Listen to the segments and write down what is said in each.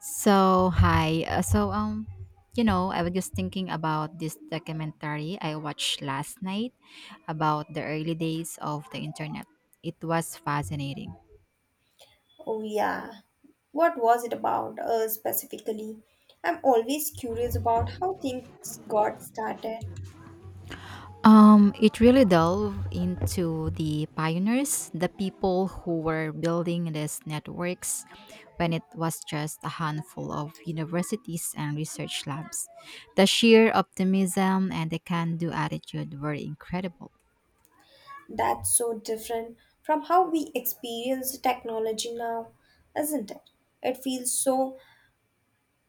So hi. So you know, I was just thinking about this documentary I watched last night about the early days of the internet. It was fascinating. Oh, yeah. What was it about, specifically? I'm always curious about how things got started. It really delved into the pioneers, the people who were building these networks when it was just a handful of universities and research labs. The sheer optimism and the can-do attitude were incredible. That's so different from how we experience technology now, isn't it? It feels so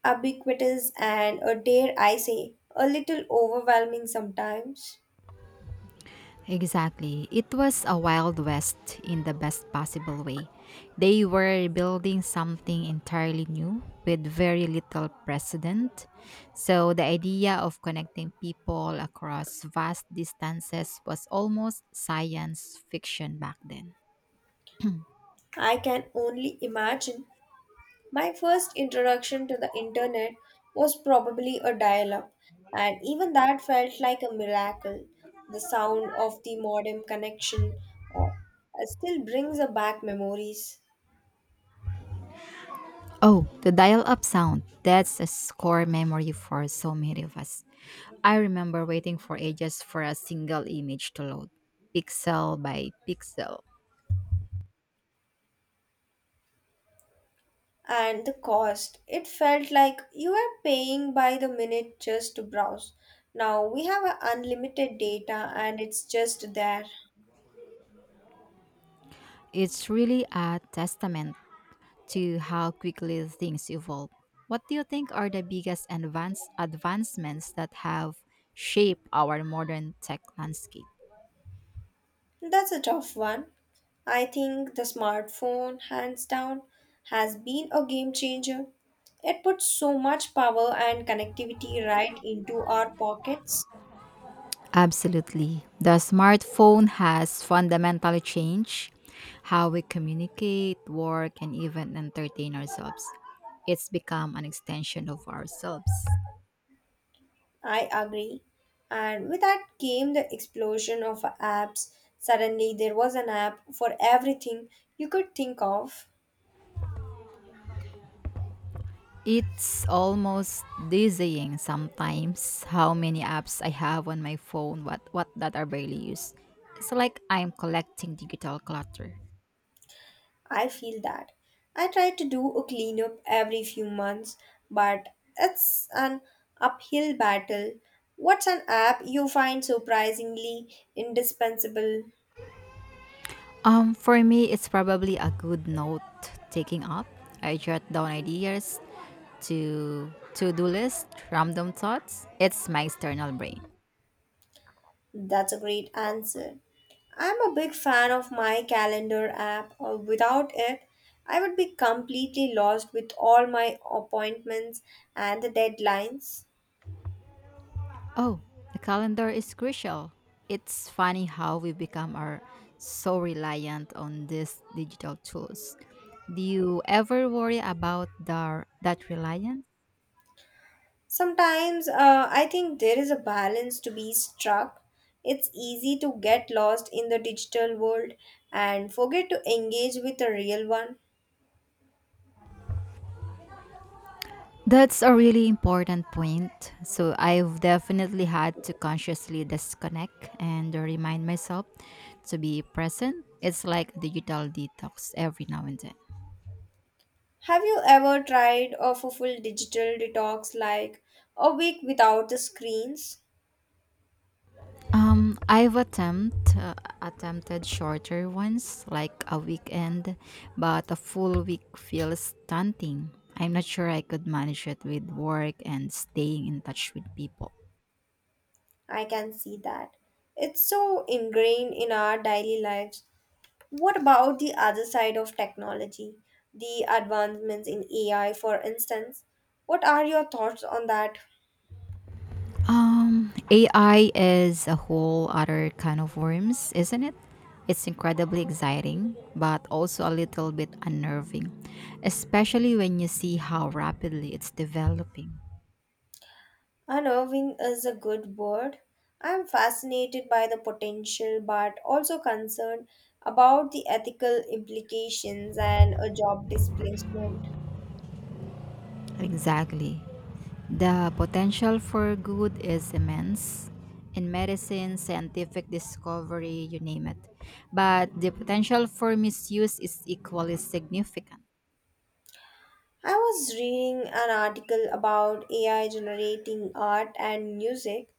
ubiquitous and, dare I say, a little overwhelming sometimes. Exactly. It was a Wild West in the best possible way. They were building something entirely new with very little precedent. So the idea of connecting people across vast distances was almost science fiction back then. I can only imagine. My first introduction to the internet was probably a dial up, and even that felt like a miracle. The sound of the modem connection uh, still brings back memories. Oh, the dial up sound. That's a core memory for so many of us. I remember waiting for ages for a single image to load, pixel by pixel. And the cost, it felt like you were paying by the minute just to browse. Now we have a unlimited data and it's just there. It's really a testament to how quickly things evolve. What do you think are the biggest advancements that have shaped our modern tech landscape? That's a tough one. I think the smartphone, hands down, has been a game changer. It puts so much power and connectivity right into our pockets. Absolutely. The smartphone has fundamentally changed how we communicate, work, and even entertain ourselves. It's become an extension of ourselves. I agree. And with that came the explosion of apps. Suddenly, there was an app for everything you could think of. It's almost dizzying sometimes how many apps I have on my phone what that are barely used. It's like I'm collecting digital clutter. I feel that. I try to do a cleanup every few months, but it's an uphill battle. What's an app you find surprisingly indispensable? For me it's probably a good note taking up. I jot down ideas to to-do list, random thoughts. It's my external brain. That's a great answer. I'm a big fan of my calendar app. Without it, I would be completely lost with all my appointments and the deadlines. Oh, the calendar is crucial. It's funny how we become are so reliant on these digital tools. Do you ever worry about that reliance? Sometimes I think there is a balance to be struck. It's easy to get lost in the digital world and forget to engage with the real one. That's a really important point. So I've definitely had to consciously disconnect and remind myself to be present. It's like a digital detox every now and then. Have you ever tried of a full digital detox like a week without the screens? I've attempted shorter ones like a weekend, but a full week feels stunting. I'm not sure I could manage it with work and staying in touch with people. I can see that. It's so ingrained in our daily lives. What about the other side of technology? The advancements in AI, for instance. What are your thoughts on that? AI is a whole other kind of worms, isn't it? It's incredibly exciting, but also a little bit unnerving, especially when you see how rapidly it's developing. Unnerving is a good word. I am fascinated by the potential but also concerned about the ethical implications and a job displacement. Exactly. The potential for good is immense in medicine, scientific discovery, you name it. But the potential for misuse is equally significant. I was reading an article about AI generating art and music.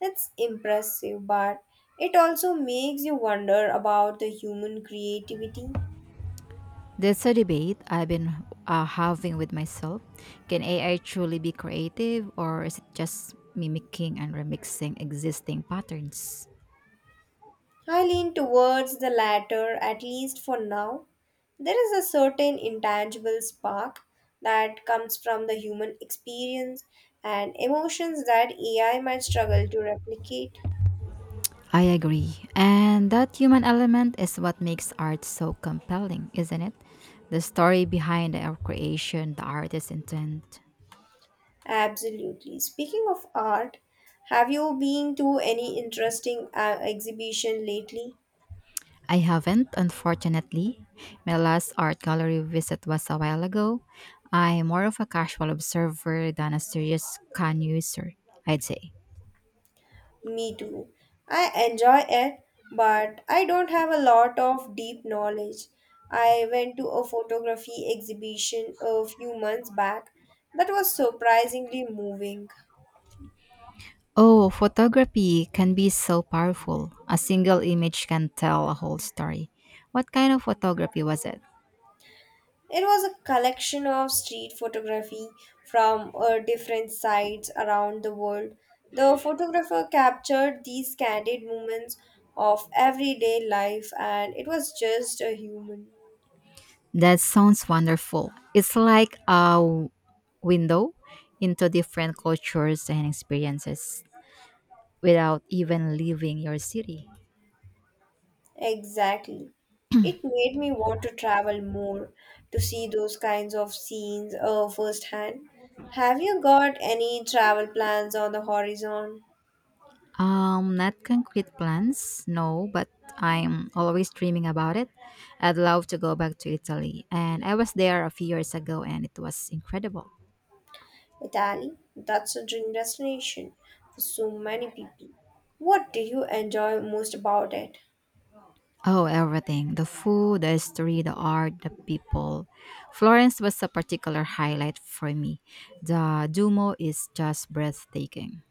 It's impressive, but it also makes you wonder about the human creativity. That's a debate I've been having with myself. Can AI truly be creative, or is it just mimicking and remixing existing patterns? I lean towards the latter, at least for now. There is a certain intangible spark that comes from the human experience and emotions that AI might struggle to replicate. I agree. And that human element is what makes art so compelling, isn't it? The story behind our creation, the artist's intent. Absolutely. Speaking of art, have you been to any interesting exhibition lately? I haven't, unfortunately. My last art gallery visit was a while ago. I'm more of a casual observer than a serious can user, I'd say. Me too. I enjoy it, but I don't have a lot of deep knowledge. I went to a photography exhibition a few months back that was surprisingly moving. Oh, photography can be so powerful. A single image can tell a whole story. What kind of photography was it? It was a collection of street photography from different sites around the world. The photographer captured these candid moments of everyday life, and it was just a human. That sounds wonderful. It's like a window into different cultures and experiences without even leaving your city. Exactly. It made me want to travel more to see those kinds of scenes firsthand. Have you got any travel plans on the horizon? Not concrete plans, no, but I'm always dreaming about it. I'd love to go back to Italy, and I was there a few years ago, and it was incredible. Italy, that's a dream destination for so many people. What did you enjoy most about it? Oh, everything the food, the history, the art, the people. Florence was a particular highlight for me. The Duomo is just breathtaking.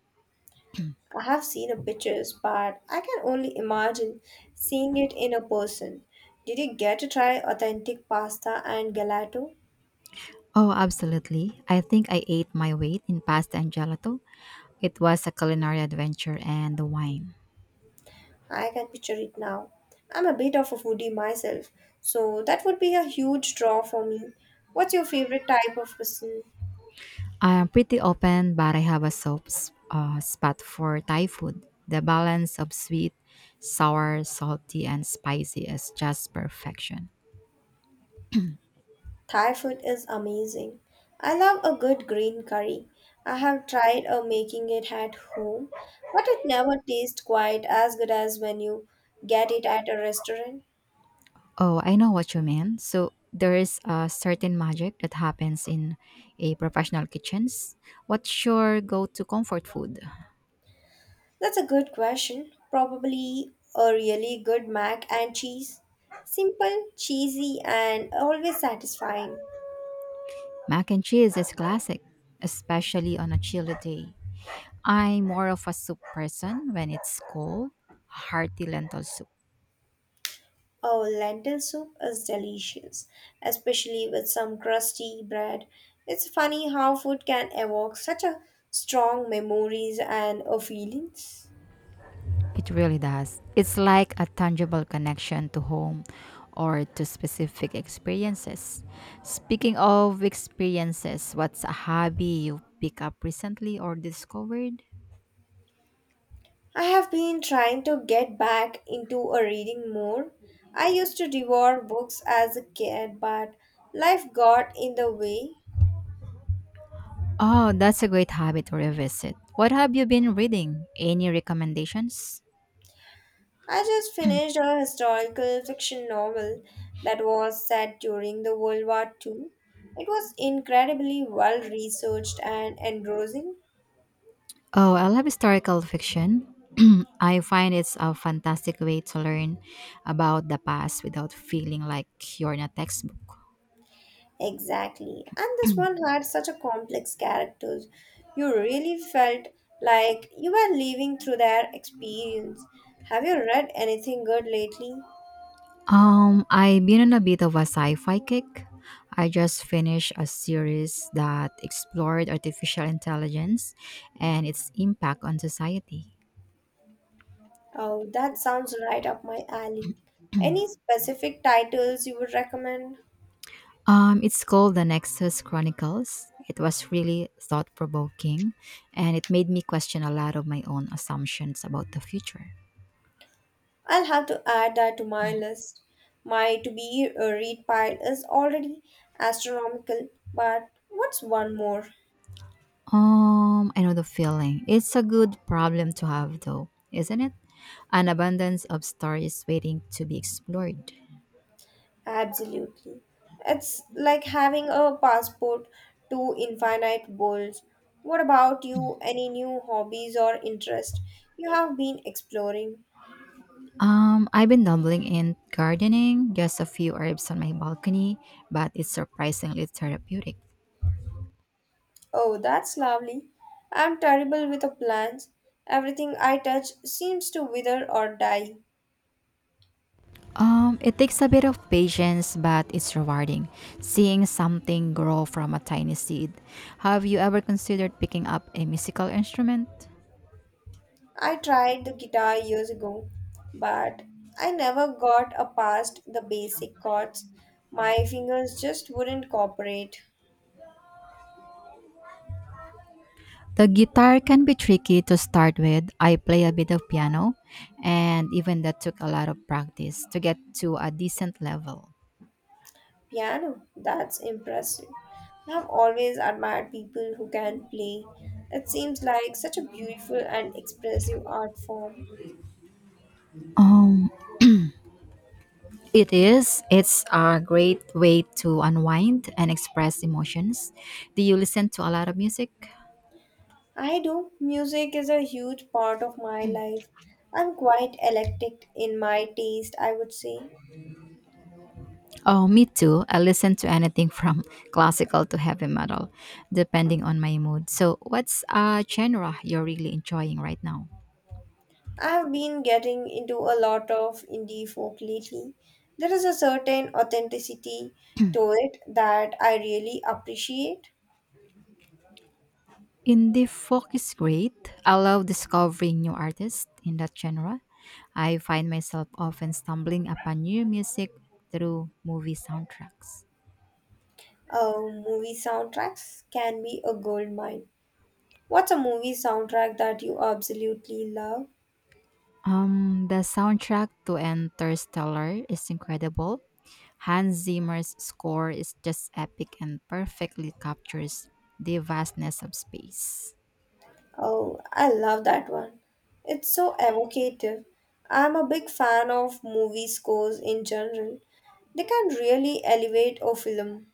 I have seen the pictures, but I can only imagine seeing it in a person. Did you get to try authentic pasta and gelato? Oh, absolutely. I think I ate my weight in pasta and gelato. It was a culinary adventure and the wine. I can picture it now. I'm a bit of a foodie myself, so that would be a huge draw for me. What's your favorite type of cuisine? I'm pretty open, but I have a spot for Thai food. The balance of sweet, sour, salty, and spicy is just perfection. Thai food is amazing. I love a good green curry. I have tried making it at home, but it never tastes quite as good as when you get it at a restaurant. Oh, I know what you mean. So there is a certain magic that happens in a professional kitchens. What's your go-to comfort food? That's a good question. Probably a really good mac and cheese. Simple, cheesy, and always satisfying. Mac and cheese is classic, especially on a chilly day. I'm more of a soup person when it's cold, hearty lentil soup. Oh, lentil soup is delicious, especially with some crusty bread. It's funny how food can evoke such a strong memories and feelings. It really does. It's like a tangible connection to home or to specific experiences. Speaking of experiences, what's a hobby you picked up recently or discovered? I have been trying to get back into a reading more. I used to devour books as a kid, but life got in the way. Oh, that's a great habit to revisit. What have you been reading? Any recommendations? I just finished a historical fiction novel that was set during the World War II. It was incredibly well researched and engrossing. Oh, I love historical fiction. I find it's a fantastic way to learn about the past without feeling like you're in a textbook. Exactly. And this one had such a complex characters. You really felt like you were living through their experience. Have you read anything good lately? I've been on a bit of a sci-fi kick. I just finished a series that explored artificial intelligence and its impact on society. Oh, that sounds right up my alley. Any specific titles you would recommend? It's called The Nexus Chronicles. It was really thought-provoking and it made me question a lot of my own assumptions about the future. I'll have to add that to my list. My to be read pile is already astronomical, but what's one more? I know the feeling. It's a good problem to have though, isn't it? An abundance of stories waiting to be explored. Absolutely. It's like having a passport to infinite worlds. What about you? Any new hobbies or interests you have been exploring? I've been dabbling in gardening, just a few herbs on my balcony, but it's surprisingly therapeutic. Oh, that's lovely. I'm terrible with the plants. Everything I touch seems to wither or die. It takes a bit of patience, but it's rewarding seeing something grow from a tiny seed. Have you ever considered picking up a musical instrument? I tried the guitar years ago, but I never got a past the basic chords. My fingers just wouldn't cooperate. The guitar can be tricky to start with. I play a bit of piano, and even that took a lot of practice to get to a decent level. Piano, that's impressive. I've always admired people who can play. It seems like such a beautiful and expressive art form. Um, It is. It's a great way to unwind and express emotions. Do you listen to a lot of music? I do. Music is a huge part of my life. I'm quite eclectic in my taste, I would say. Oh, me too. I listen to anything from classical to heavy metal, depending on my mood. So, what's a genre you're really enjoying right now? I have been getting into a lot of indie folk lately. There is a certain authenticity to it that I really appreciate. Indie folk is great. I love discovering new artists in that genre. I find myself often stumbling upon new music through movie soundtracks. Movie soundtracks can be a gold mine. What's a movie soundtrack that you absolutely love? The soundtrack to Interstellar is incredible. Hans Zimmer's score is just epic and perfectly captures the vastness of space. Oh, I love that one. It's so evocative. I'm a big fan of movie scores in general. They can really elevate a film.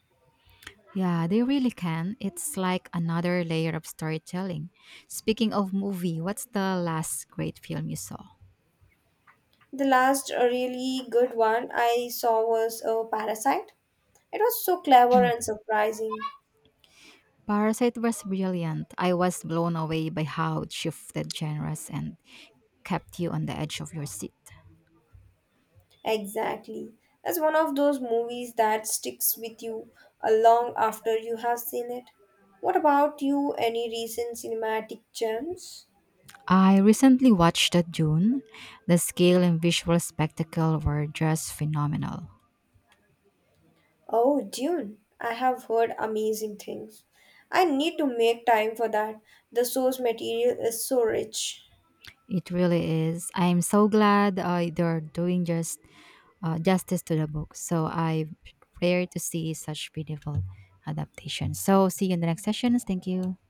Yeah, they really can. It's like another layer of storytelling. Speaking of movie, what's the last great film you saw? The last really good one I saw was a Parasite. It was so clever and surprising. Parasite was brilliant. I was blown away by how it shifted genres and kept you on the edge of your seat. Exactly. It's one of those movies that sticks with you long after you have seen it. What about you? Any recent cinematic gems? I recently watched the Dune. The scale and visual spectacle were just phenomenal. Oh, Dune. I have heard amazing things. I need to make time for that. The source material is so rich. It really is. I'm so glad they're doing justice to the book. So I rare to see such beautiful adaptations. So see you in the next sessions. Thank you.